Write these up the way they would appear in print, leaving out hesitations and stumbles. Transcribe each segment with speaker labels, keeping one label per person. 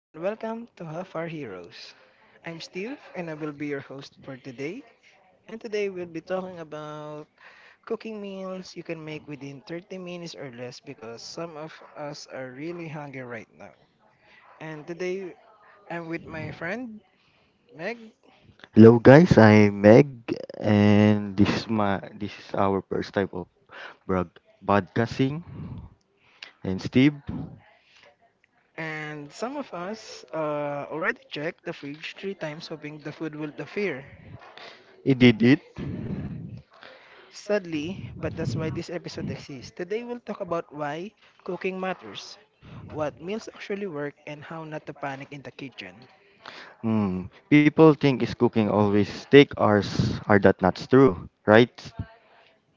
Speaker 1: and welcome to Half Our Heroes. I'm Steve, and I will be your host for today. And today we'll be talking about cooking meals you can make within 30 minutes or less because some of us are really hungry right now. And today I'm with my friend Meg,
Speaker 2: Hello guys, I'm Meg and this is our first type of broad podcasting and Steve
Speaker 1: and some of us already checked the fridge three times hoping the food will appear.
Speaker 2: he did it.
Speaker 1: Sadly, but that's why this episode exists. Today we'll talk about why cooking matters, what meals actually work, and how not to panic in the kitchen.
Speaker 2: Hmm. People think is cooking always take hours are that not true, right?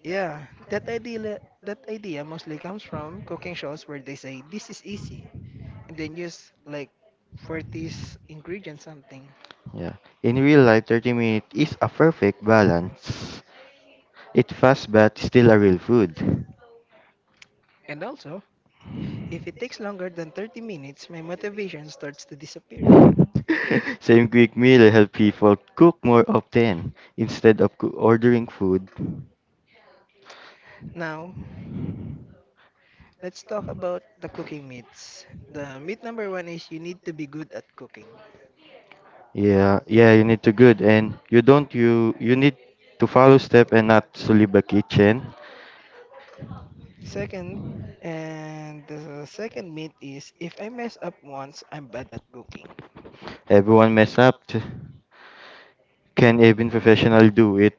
Speaker 1: Yeah, that idea mostly comes from cooking shows where they say this is easy and then use like 40s ingredients something.
Speaker 2: Yeah. In real life 30 minutes is a perfect balance. It fast but still a real food.
Speaker 1: And also, if it takes longer than 30 minutes, my motivation starts to disappear.
Speaker 2: Same quick meal help people cook more often instead of ordering food.
Speaker 1: Now, let's talk about the cooking myths. The myth number one is you need to be good at cooking.
Speaker 2: Yeah, you need to good and you don't you need to follow step and not solve a kitchen.
Speaker 1: Second, and the second myth is if I mess up once, I'm bad at cooking.
Speaker 2: Everyone mess up. Can even professional do it?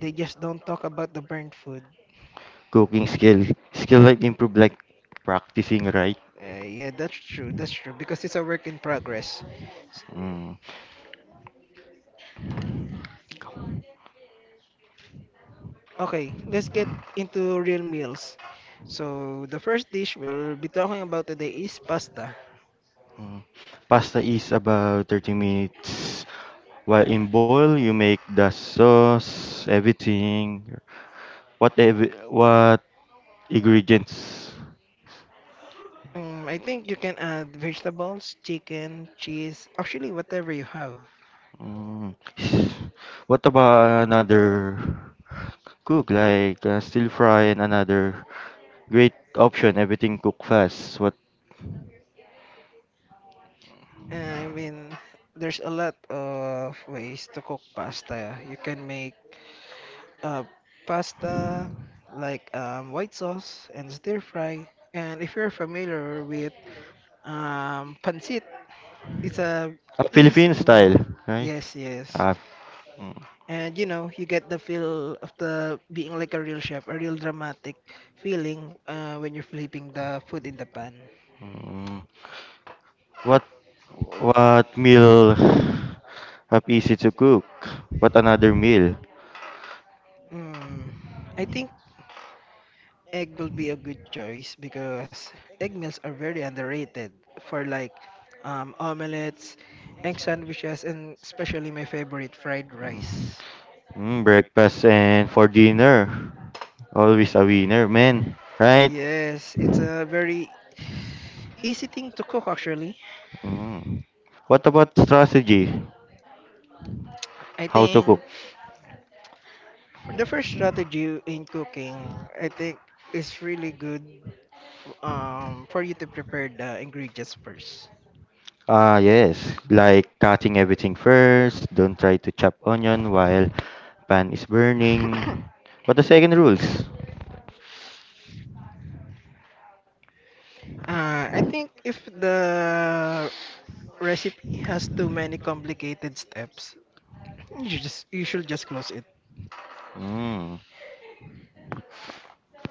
Speaker 1: They just don't talk about the burnt food.
Speaker 2: Cooking skill, skill like improve like practicing right.
Speaker 1: Yeah, that's true. That's true because it's a work in progress. S-
Speaker 2: Mm.
Speaker 1: Okay, let's get into real meals. So the first dish we'll be talking about today is pasta.
Speaker 2: Mm. Pasta is about 30 minutes. While in boil, you make the sauce, everything. What ingredients?
Speaker 1: I think you can add vegetables, chicken, cheese, actually whatever you have.
Speaker 2: Mm. What about another cook like still fry and another great option? Everything cook fast. What
Speaker 1: I mean, there's a lot of ways to cook pasta. You can make uh, pasta, like white sauce and stir fry. And if you're familiar with pancit, it's a
Speaker 2: ah, Philippine
Speaker 1: easy
Speaker 2: style,
Speaker 1: meal.
Speaker 2: right?
Speaker 1: Yes, yes.
Speaker 2: Ah, mm,
Speaker 1: And you know, you get the feel of the being like a real chef, a real dramatic feeling when you're flipping the food in the pan.
Speaker 2: mm. What what meal have easy to cook? What another meal?
Speaker 1: Mm. I think egg will be a good choice because egg meals are very underrated for like omelets, egg sandwiches, and especially my favorite fried rice.
Speaker 2: Mm, breakfast and for dinner. Always a winner, man. Right?
Speaker 1: Yes, it's a very easy thing to cook actually.
Speaker 2: Mm. What about strategy?
Speaker 1: I
Speaker 2: How to cook?
Speaker 1: think for the first strategy in cooking, I think is really good for you to prepare the ingredients first.
Speaker 2: Ah, yes. Like cutting everything first. Don't try to chop onion while pan is
Speaker 1: uh,
Speaker 2: burning. What the second rules?
Speaker 1: I think if the recipe has too many complicated steps. You should just close it.
Speaker 2: Mm.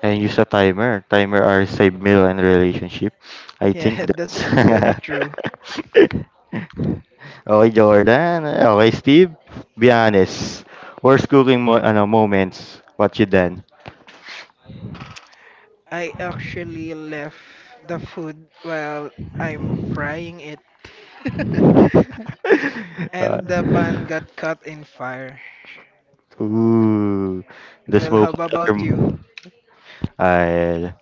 Speaker 2: And use a timer. Timer are save meal and relationship. I think
Speaker 1: Yeah, that's very
Speaker 2: that's.
Speaker 1: true.
Speaker 2: Okay, Jordan. Okay, Steve. Be honest. Worst cooking moments. What you done?
Speaker 1: I actually left the food while I'm frying it. And the pan
Speaker 2: Uh,
Speaker 1: got caught in fire.
Speaker 2: Ooh, the
Speaker 1: Well, how
Speaker 2: smoke
Speaker 1: about you?
Speaker 2: alarm. I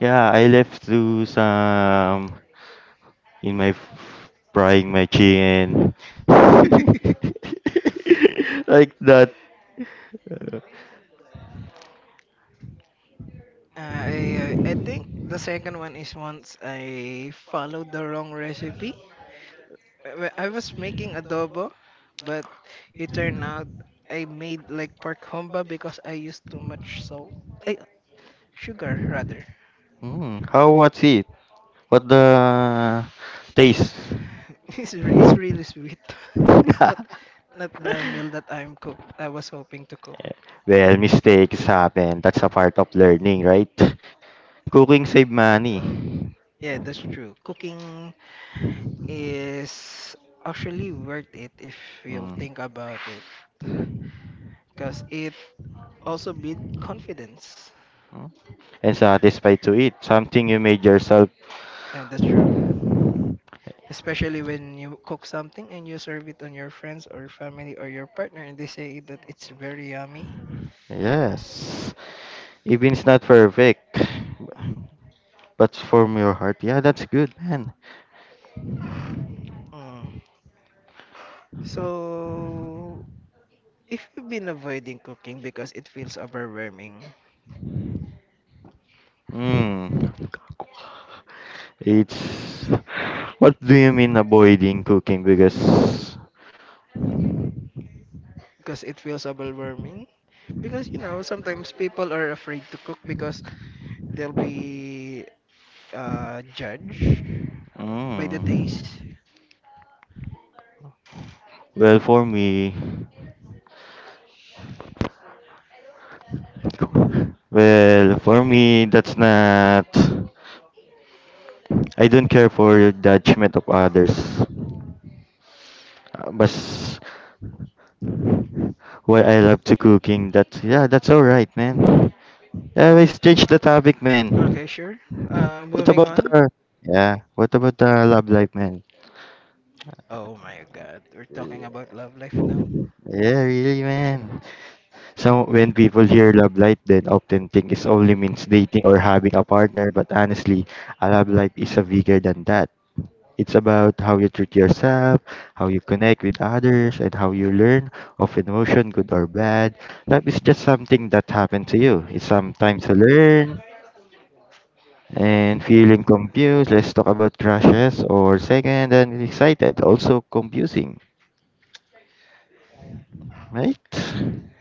Speaker 2: yeah, I left to some in my frying my chicken like that. Uh,
Speaker 1: I think the second one is once I followed the wrong recipe I was making adobo, but it turned out I made like pork humba because I used too much salt. eh, sugar rather.
Speaker 2: Mm, how was it? What the taste?
Speaker 1: It's re- it's
Speaker 2: Well,
Speaker 1: really sweet. Not not the meal that I was hoping to cook.
Speaker 2: mistakes happen. That's a part of learning, right? Cooking save money.
Speaker 1: Yeah, that's true. Cooking is actually worth it if you'll
Speaker 2: Mm.
Speaker 1: think about it, because it also build confidence.
Speaker 2: And satisfied to eat something you made yourself.
Speaker 1: Yeah, that's true. Especially when you cook something and you serve it on your friends or family or your partner and they say that it's very yummy.
Speaker 2: Yes, even it's not perfect, but from your heart. Yeah, that's good, man.
Speaker 1: Mm. So, if you've been avoiding cooking because it feels overwhelming,
Speaker 2: Mm. It's what do you mean avoiding cooking? Because
Speaker 1: because it feels overwhelming, because you know, sometimes people are afraid to cook because they'll be judged by the
Speaker 2: mm,
Speaker 1: taste.
Speaker 2: well, for me, well, for me, that's not. I don't care for your judgment of others. But why I love to cooking, that yeah, that's all right, man. Yeah, let's change the topic, man.
Speaker 1: Okay, sure.
Speaker 2: What
Speaker 1: Moving
Speaker 2: about
Speaker 1: on.
Speaker 2: the yeah? What about the love life, man?
Speaker 1: Oh my god, we're talking
Speaker 2: Yeah.
Speaker 1: about love life now.
Speaker 2: Yeah, really, man. So when people hear love life, they often think it only means dating or having a partner. But honestly, a love life is a bigger than that. It's about how you treat yourself, how you connect with others, and how you learn of emotion, good or bad. Life is just something that happened to you. It's sometimes you learn, and feeling confused. Let's talk about crashes or second and excited, also confusing, right?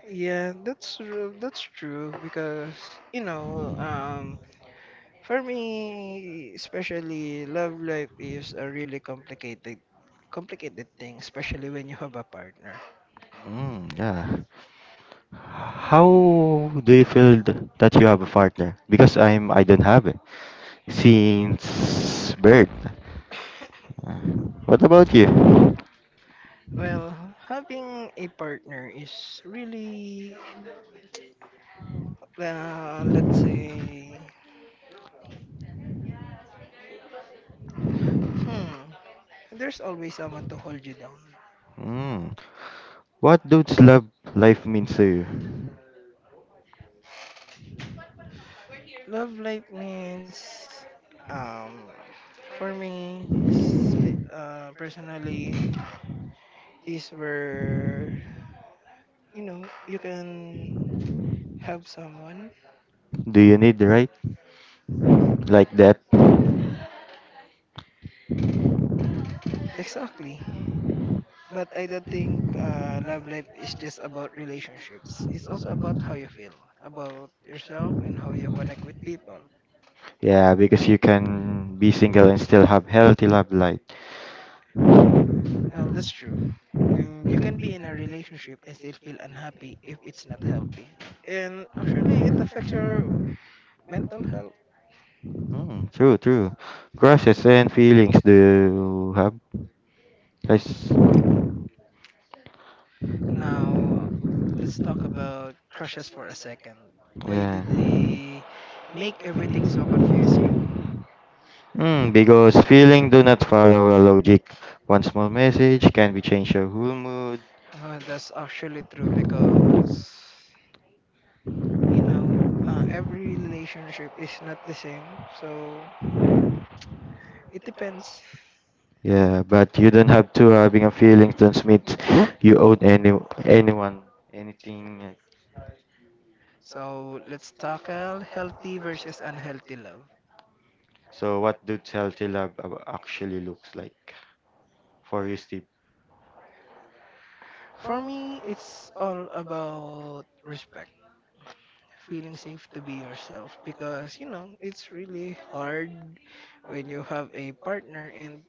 Speaker 1: Yeah, that's true. That's true because you know, for me, especially love life is a really complicated thing, especially when you have a partner.
Speaker 2: Mm, yeah. How do you feel that you have a partner? Because I don't have it since birth. What about you?
Speaker 1: Well, having a partner is really, let's say, hmm, there's always someone to hold you down.
Speaker 2: Mm. What does love life means to you?
Speaker 1: Love life means, um, for me, personally, is where you know, you can have someone.
Speaker 2: Do you need right like that?
Speaker 1: Exactly. But I don't think love life is just about relationships. It's also about how you feel, about yourself, and how you connect with people.
Speaker 2: Yeah, because you can be single and still have healthy love life.
Speaker 1: Well, that's true. And you can be in a relationship and still feel unhappy if it's not healthy. And actually, it affects your mental health.
Speaker 2: Mm, true, true. Crushes and feelings do you have? Yes.
Speaker 1: Now, let's talk about crushes for a second. Why
Speaker 2: Yeah.
Speaker 1: did they make everything so confusing?
Speaker 2: Mm, because feeling do not follow a logic. One small message can be change your whole mood.
Speaker 1: That's actually true because, you know, every relationship is not the same. So it depends.
Speaker 2: Yeah, but you don't have to having a feeling transmit you own anyone anything. Like-
Speaker 1: So let's tackle healthy versus unhealthy love.
Speaker 2: So what do healthy love actually looks like for you, Steve?
Speaker 1: For me, it's all about respect, feeling safe to be yourself because, you know, it's really hard when you have a partner and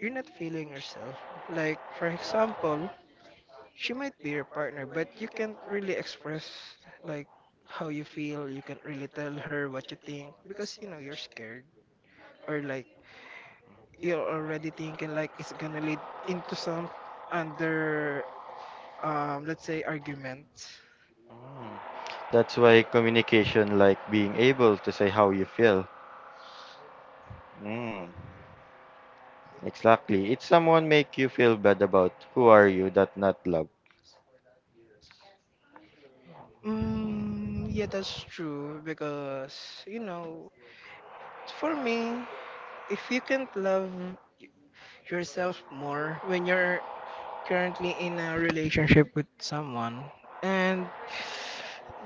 Speaker 1: you're not feeling yourself. Like, for example, she might be your partner, but you can't really express like how you feel. You can't really tell her what you think because you know you're scared or like you're already thinking like it's gonna lead into some under let's say argument.
Speaker 2: Mm. That's why communication, like being able to say how you feel. Mm. Exactly. It's someone make you feel bad about who are you that not love.
Speaker 1: Mm, yeah, that's true because you know for me, if you can't love yourself more when you're currently in a relationship with someone, and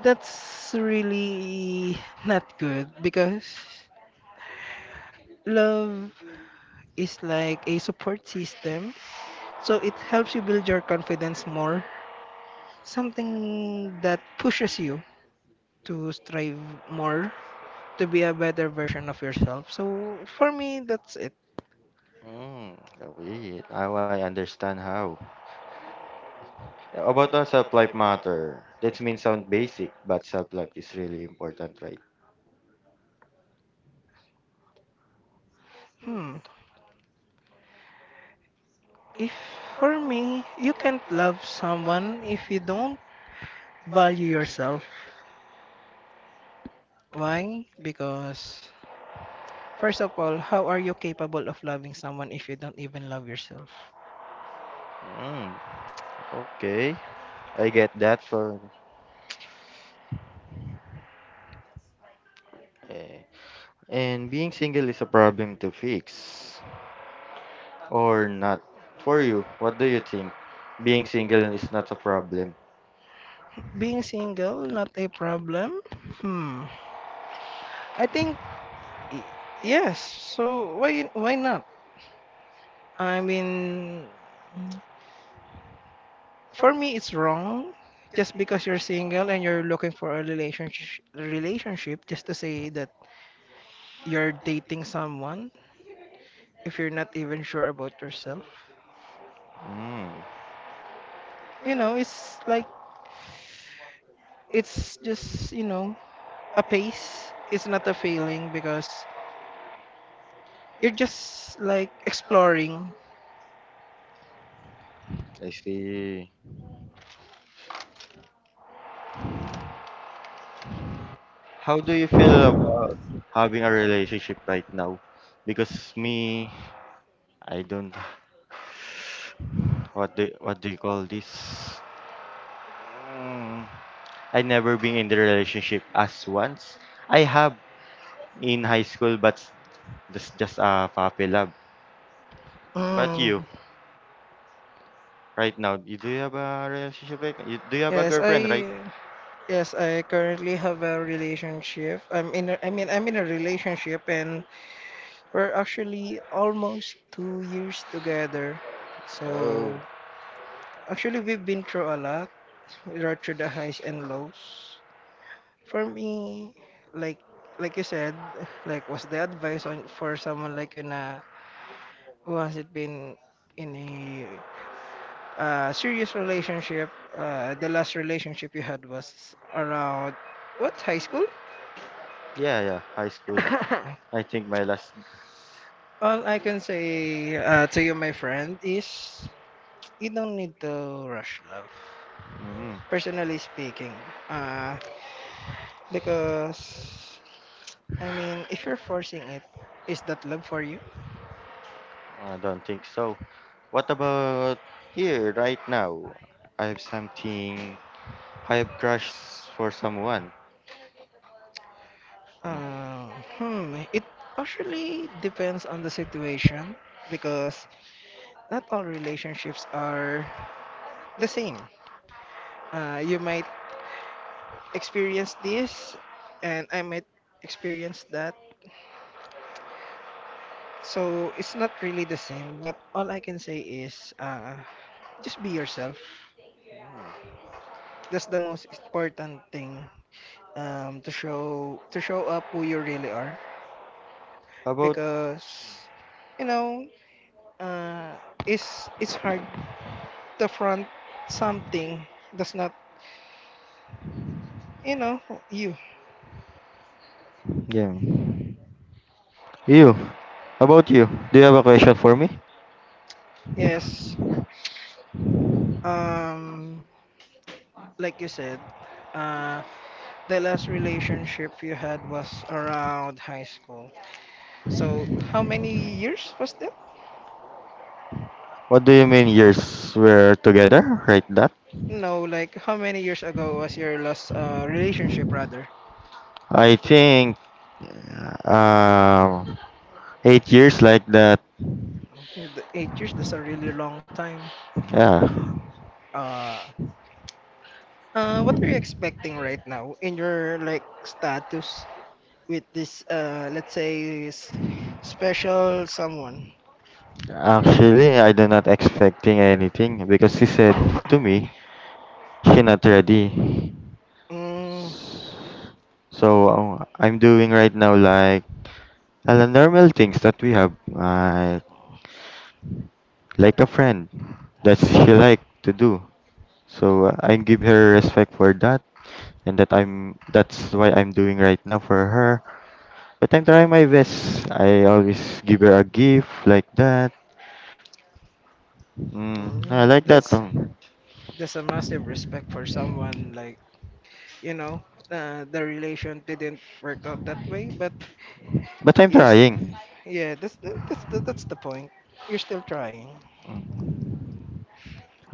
Speaker 1: that's really not good because love is like a support system. So it helps you build your confidence more, something that pushes you to strive more, to be a better version of yourself. So for me, that's it.
Speaker 2: Mm, wait. Now I understand how. About the self-life matter. That means sound basic, but self-life is really important, right?
Speaker 1: Hmm. If for me, you can't love someone if you don't value yourself. Why? Because, first of all, how are you capable of loving someone if you don't even love yourself?
Speaker 2: Mm, okay. I get that for eh. And being single is a problem to fix or not. For you, what do you think? Being single is not a problem.
Speaker 1: Being single, not a problem? Hmm. I think, y- yes. So, why not? I mean, for me, it's wrong. Just because you're single and you're looking for a relationship, just to say that you're dating someone if you're not even sure about yourself.
Speaker 2: Mm,
Speaker 1: You know, it's like, it's just, you know, a pace is not a failing because you're just like exploring.
Speaker 2: I see. How do you feel about having a relationship right now? Because me, I don't. What do you call this? Mm, I never been in the relationship as once. I have in high school, but that's just a puppy love. But
Speaker 1: Mm.
Speaker 2: you, right now, you do you have a relationship right now? You, do you have a
Speaker 1: Yes,
Speaker 2: girlfriend, right?
Speaker 1: I currently have a relationship. I mean, I'm in a relationship and we're actually almost 2 years together.
Speaker 2: Oh,
Speaker 1: So actually we've been through a lot. We're through the highs and lows. For me, like like you said, like what's the advice on for someone like you na who hasn't been in a serious relationship. The last relationship you had was around what high school?
Speaker 2: yeah, high school. I think my last.
Speaker 1: All I can say to you, my friend, is you don't need to rush love.
Speaker 2: Mm,
Speaker 1: Personally speaking, uh, because I mean, if you're forcing it, is that love for you?
Speaker 2: I don't think so. What about here right now? I have something. I have crush for someone.
Speaker 1: Uh, hmm, it partially depends on the situation because not all relationships are the same. You might experienced this and I might experience that. So it's not really the same, but all I can say is just be yourself. That's the most important thing to show up who you really are
Speaker 2: How about
Speaker 1: because you know uh, it's hard to front something that's not you know you.
Speaker 2: yeah. You. How about you? Do you have a question for me?
Speaker 1: Yes, um, like you said, uh, the last relationship you had was around high school. So, how many years was that?
Speaker 2: What do you mean years were together? Right that?
Speaker 1: No, like how many years ago was your last relationship, rather?
Speaker 2: I think um 8 years like that.
Speaker 1: The 8 years, that's a really long time.
Speaker 2: Yeah.
Speaker 1: Uh, what are you expecting right now in your like status with this, let's say, special someone?
Speaker 2: Actually I do not expecting anything because she said to me she not ready.
Speaker 1: mm,
Speaker 2: So I'm doing right now like normal things that we have, like a friend that she like to do. So I give her respect for that, and that's why I'm doing right now for her. But I'm trying my best. I always give her a gift like that. Mm, I like
Speaker 1: mm,
Speaker 2: that.
Speaker 1: that's that's a massive respect for someone like you know the relation didn't work out that way but
Speaker 2: But I'm
Speaker 1: yes
Speaker 2: trying.
Speaker 1: yeah that's the point you're still trying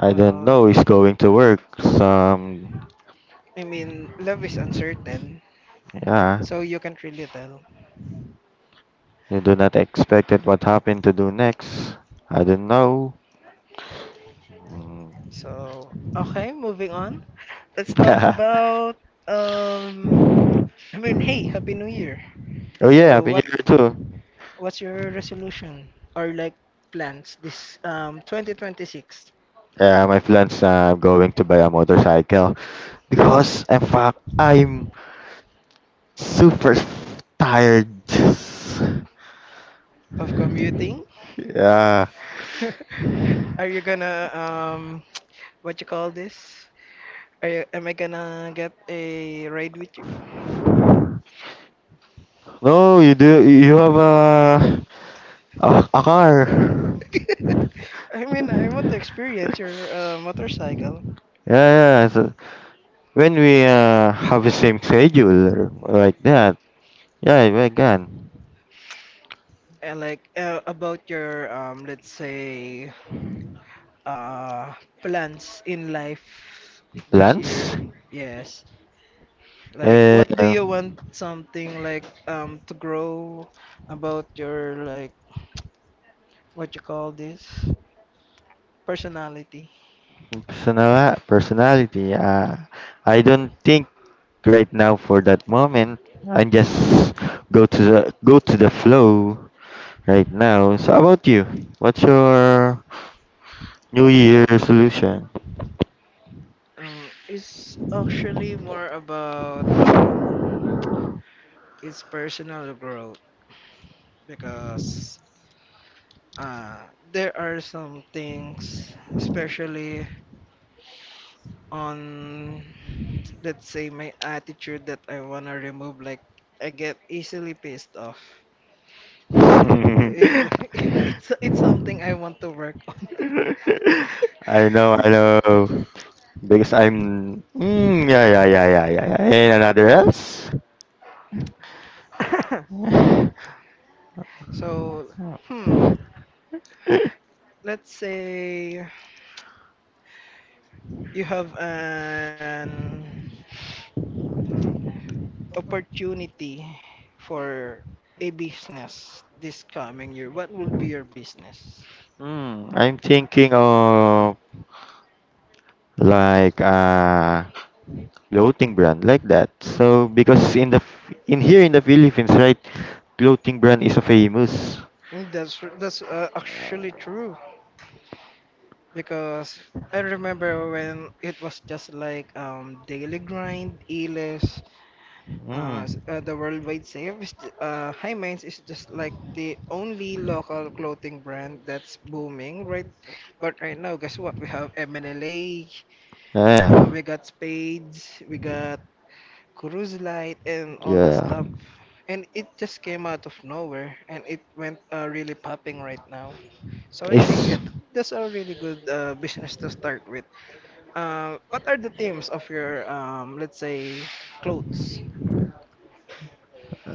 Speaker 2: I don't
Speaker 1: well
Speaker 2: know. It's going to work. Some
Speaker 1: I mean love is uncertain
Speaker 2: yeah.
Speaker 1: so you can't really tell
Speaker 2: You do not expect it what happened to do next. I don't know. Mm.
Speaker 1: so okay moving on let's talk about um I mean hey happy new year
Speaker 2: Oh yeah,
Speaker 1: so
Speaker 2: Happy New
Speaker 1: what
Speaker 2: Year too.
Speaker 1: what's your resolution or like plans this 2026
Speaker 2: Yeah, my plans. I'm going to buy a motorcycle because in fact I'm super tired.
Speaker 1: of commuting
Speaker 2: Yeah.
Speaker 1: are you gonna what you call this? Am I gonna get a ride with you?
Speaker 2: No, you do. You have a car.
Speaker 1: I mean, I want to experience your motorcycle.
Speaker 2: Yeah, yeah. So when we have the same schedule like that, yeah, if I
Speaker 1: And like about your let's say uh, plans in life this year.
Speaker 2: plans?
Speaker 1: Yes. Like, what do
Speaker 2: Uh,
Speaker 1: you want something like to grow about your like what you call this personality?
Speaker 2: Personal personality. I don't think right now for that moment. I just go to the flow right now. So how about you? What's your New Year resolution?
Speaker 1: It's actually more about it's personal growth because uh, there are some things, especially on, let's say, my attitude that I wanna remove. Like I get easily pissed off. Like, It's something I want to work on.
Speaker 2: I know. Because I'm. Mm, yeah. And another else?
Speaker 1: so, hmm, let's say you have an opportunity for a business this coming year, what will be your business?
Speaker 2: Hmm, I'm thinking of like a clothing brand like that. So because in the in here in the Philippines, right, clothing brand is a famous.
Speaker 1: And that's actually true because I remember when it was just like Daily Grind, Elis,
Speaker 2: Hmm.
Speaker 1: the Worldwide Sale. High Minds is just like the only local clothing brand that's booming, right? But right now, guess what? We have MNLA,
Speaker 2: Yeah.
Speaker 1: we got Spades, we got cruise light and all the
Speaker 2: Yeah.
Speaker 1: stuff and it just came out of nowhere and it went really popping right now so I think
Speaker 2: It's
Speaker 1: that's a really good business to start with what are the themes of your let's say clothes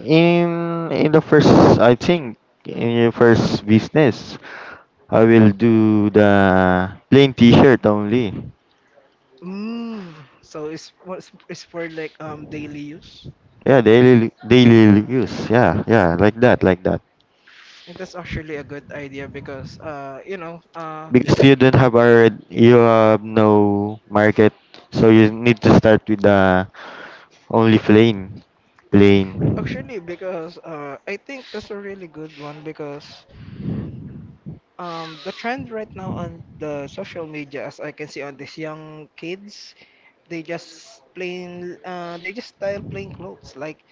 Speaker 2: in the first I think in your first business I will do the plain t-shirt only.
Speaker 1: mm, so it's for like daily use
Speaker 2: Yeah, daily use. Yeah, like that, like that.
Speaker 1: and that's actually a good idea because you know
Speaker 2: Because you don't have already you have no market, so you need to start with the only plain
Speaker 1: actually because I think that's a really good one because the trend right now on the social media, as I can see on these young kids, they just plain, they just style plain clothes. Like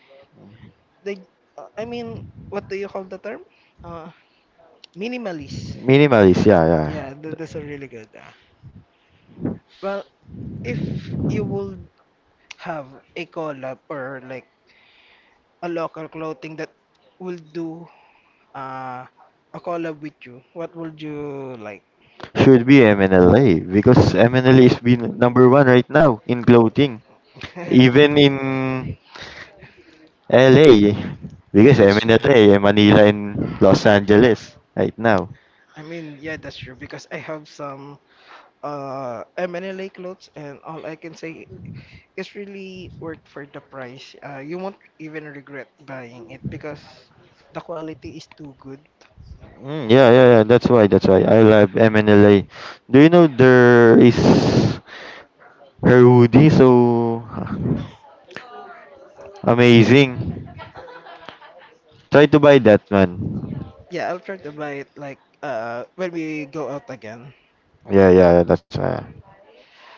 Speaker 1: they, uh, I mean, what do you call the term? Uh, Minimalist.
Speaker 2: minimalist. Yeah, yeah.
Speaker 1: Yeah, that's a really good. Well, if you would have a collab or like a local clothing that will do uh, a collab with you, what would you like?
Speaker 2: Should be MNLA because MNLA is been number one right now in clothing,
Speaker 1: Yeah,
Speaker 2: even in LA because
Speaker 1: that's. uh,
Speaker 2: MNLA and LA, eh, Manila and Los Angeles right now.
Speaker 1: yeah, that's true because I have some MNLA clothes and all I can say is really worth for the price. You won't even regret buying it because the quality is too good.
Speaker 2: Mm, yeah. That's why. That's why I love MNLA. Do you know there is her hoodie so amazing? Try to buy that one.
Speaker 1: Yeah, I'll try to buy it like when we go out again.
Speaker 2: Yeah, yeah. That's why.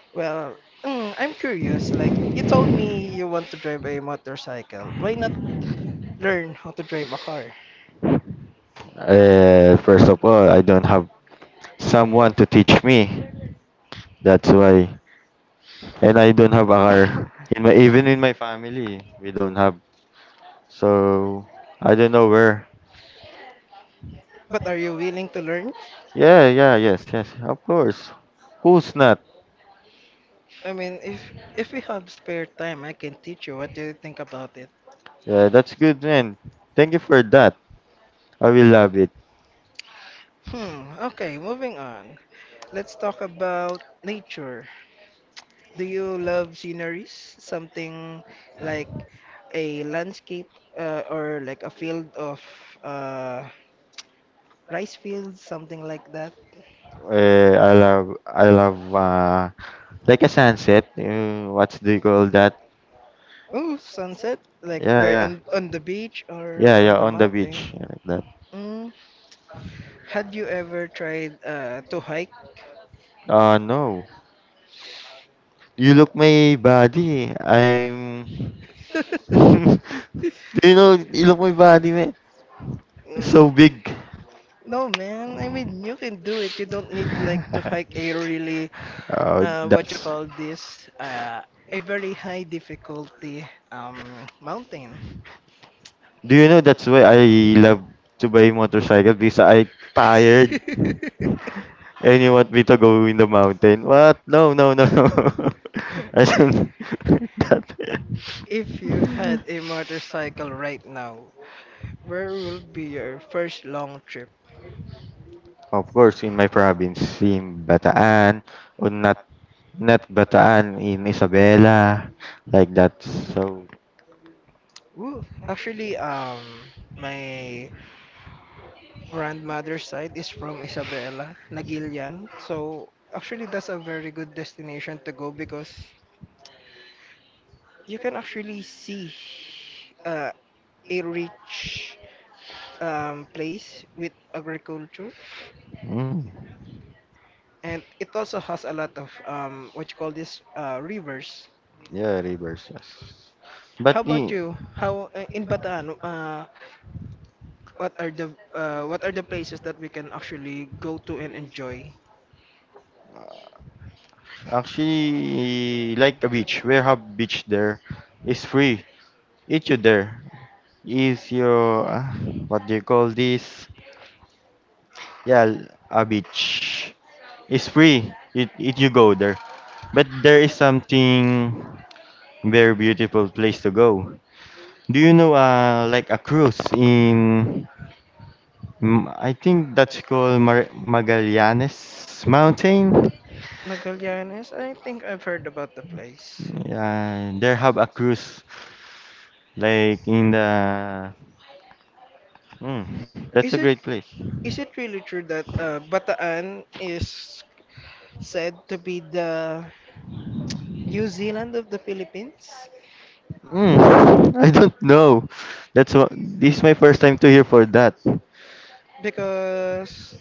Speaker 1: Well, I'm curious. Like you told me you want to drive a motorcycle. Why not learn how to drive a car?
Speaker 2: First of all, I don't have someone to teach me. That's why and I don't have a car. In my even in my family, we don't have. So I don't know where.
Speaker 1: But are you willing to learn?
Speaker 2: Yeah, yes, of course. Who's not?
Speaker 1: I mean, if we have spare time, I can teach you. What do you think about it?
Speaker 2: Yeah, that's good, man. Thank you for that. I will love it.
Speaker 1: Hmm. Okay, moving on. Let's talk about nature. Do you love sceneries? Something like a landscape or like a field of uh, rice fields, something like that.
Speaker 2: I love like a sunset. What do you call that?
Speaker 1: Oh, sunset, like
Speaker 2: Yeah,
Speaker 1: where
Speaker 2: yeah,
Speaker 1: on the beach or
Speaker 2: yeah,
Speaker 1: on
Speaker 2: yeah.
Speaker 1: the
Speaker 2: On the
Speaker 1: mountain.
Speaker 2: beach, yeah, like that.
Speaker 1: Mm. Had you ever tried to hike?
Speaker 2: No. You look my body. I'm. Do you know? You look my body, man. It's
Speaker 1: Mm.
Speaker 2: so big.
Speaker 1: No, man. I mean, you can do it. You don't need like to hike a really
Speaker 2: Oh,
Speaker 1: what you
Speaker 2: that's.
Speaker 1: call this a very high difficulty mountain.
Speaker 2: Do you know that's why I love to buy motorcycle because I tired and you want me to go in the mountain. What? No. I don't that.
Speaker 1: If you had a motorcycle right now, where will be your first long trip?
Speaker 2: Of course, in my province, in Bataan, or not Bataan, in Isabela, like that. So,
Speaker 1: Ooh, actually, my grandmother's side is from Isabela, Nagilian. So actually, that's a very good destination to go because you can actually see uh, a rich place with agriculture,
Speaker 2: mm,
Speaker 1: and it also has a lot of what you call this rivers.
Speaker 2: yeah, rivers. Yes. But
Speaker 1: How
Speaker 2: in,
Speaker 1: about you, how in Bataan what are the places that we can actually go to and enjoy?
Speaker 2: actually, like a beach, we have beach there. It's free. Eat you there. Is your what do you call this? Yeah, a beach. It's free. It you go there. But there is something very beautiful place to go. Do you know like a cruise in mm, I think that's called Mar Magallanes Mountain.
Speaker 1: Magallanes, I think I've heard about the place.
Speaker 2: Yeah, there have a cruise like in the mm, that's a
Speaker 1: Is
Speaker 2: great
Speaker 1: it,
Speaker 2: place.
Speaker 1: is it really true that Bataan is said to be the New Zealand of the Philippines?
Speaker 2: Mm, I don't know. That's what this is my first time to hear for that.
Speaker 1: Because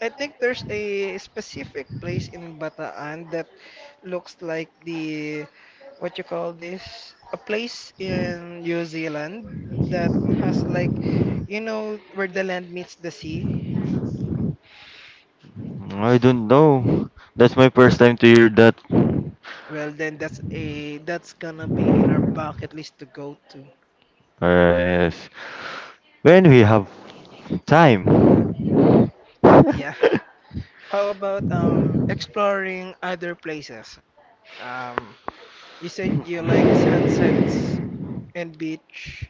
Speaker 1: I think there's a specific place in Bataan that looks like the what you call this a place in New Zealand that has like, you know, where the land meets the sea.
Speaker 2: I don't know. That's my first time to hear that.
Speaker 1: Well, then that's gonna be in our bucket list to go to.
Speaker 2: Yes. When we have time.
Speaker 1: Yeah. How about um, exploring other places? Um, you said you like sunsets and beach.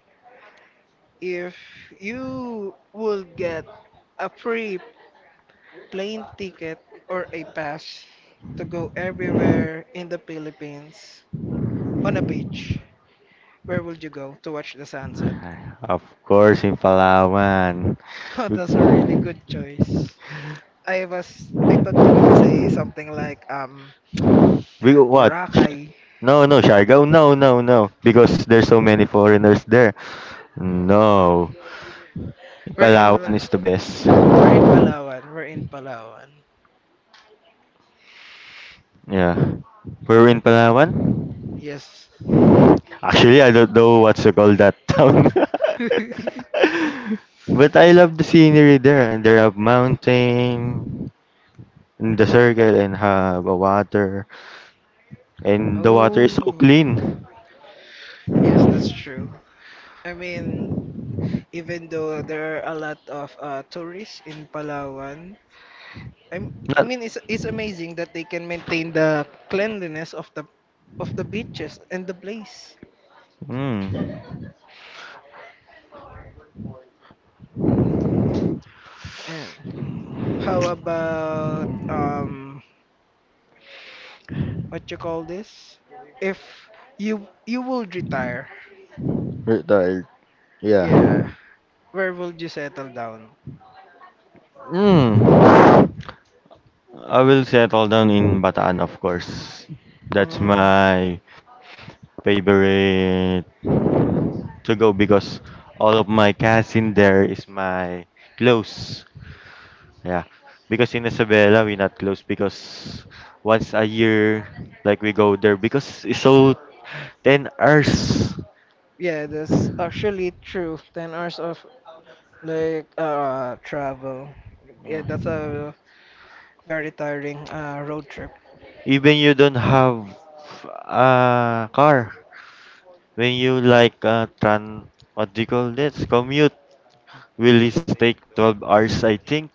Speaker 1: If you would get a free plane ticket or a pass to go everywhere in the Philippines on a beach, where would you go to watch the sunset?
Speaker 2: Of course, in Palawan.
Speaker 1: Oh,
Speaker 2: We,
Speaker 1: that's a really good choice. I thought you will say something like
Speaker 2: we what?
Speaker 1: Boracay.
Speaker 2: No, no, Siargao. No. Because there's so many foreigners there. No.
Speaker 1: We're in
Speaker 2: Palawan is the best.
Speaker 1: we're in Palawan. We're in Palawan.
Speaker 2: Yeah. We're in Palawan.
Speaker 1: Yes.
Speaker 2: Actually, I don't know what to call that town. But I love the scenery there. And there have mountain in the circle and have a water. And the water is so
Speaker 1: Oh,
Speaker 2: clean.
Speaker 1: yes, that's true. I mean, even though there are a lot of tourists in Palawan, I'm, I
Speaker 2: Not...
Speaker 1: mean, it's amazing that they can maintain the cleanliness of the beaches and the place.
Speaker 2: Mm.
Speaker 1: Yeah. How about what you call this? If you would retire,
Speaker 2: Retired. Yeah.
Speaker 1: yeah, where would you settle down?
Speaker 2: Mm. I will settle down in Bataan, of course. That's
Speaker 1: Mm,
Speaker 2: my favorite to go because all of my cousin there is my close. Yeah. Because in Isabela we not close because once a year like we go there because it's so 10 hours.
Speaker 1: yeah, that's actually true. 10 hours of like travel. Yeah, that's a very tiring road trip.
Speaker 2: Even you don't have a car. When you like tran what do you call this? Commute will is take 12 hours I think.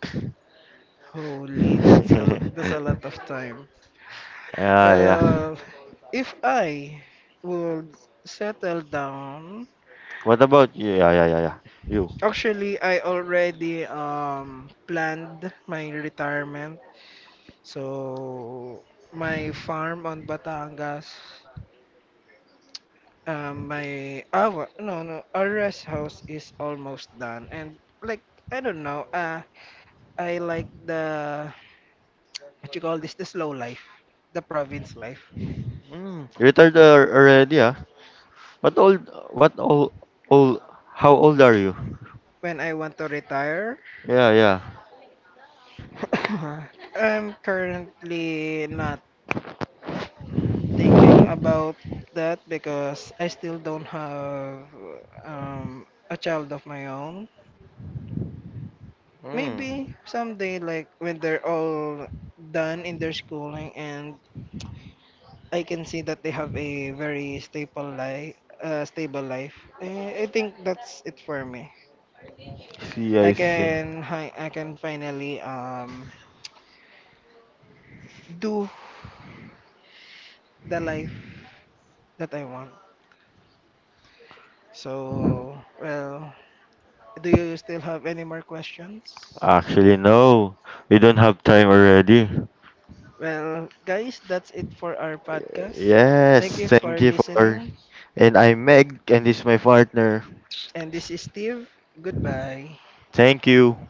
Speaker 1: Holy, that's a lot of time.
Speaker 2: Ah yeah.
Speaker 1: Well, if I would settle down,
Speaker 2: What about you? Yeah. You.
Speaker 1: actually I already planned my retirement. So my farm on Batangas, my our no no our rest house is almost done, and like I don't know, I like the what you call this the slow life, the province life.
Speaker 2: Mm, retired already, ah. What old? What old? Old? How old are you?
Speaker 1: When I want to retire.
Speaker 2: Yeah, yeah.
Speaker 1: I'm currently not thinking about that because I still don't have a child of my own.
Speaker 2: Mm.
Speaker 1: Maybe someday, like when they're all done in their schooling and I can see that they have a very stable life, I think that's it for me.
Speaker 2: See,
Speaker 1: I
Speaker 2: I see.
Speaker 1: can I can finally do the life that I want. So, well, do you still have any more questions?
Speaker 2: Actually, no. We don't have time already.
Speaker 1: Well, guys, that's it for our podcast.
Speaker 2: Yes,
Speaker 1: Thank you
Speaker 2: thank
Speaker 1: for
Speaker 2: you for.
Speaker 1: listening.
Speaker 2: And I'm Meg, and this is my partner.
Speaker 1: And this is Steve. Goodbye.
Speaker 2: Thank you.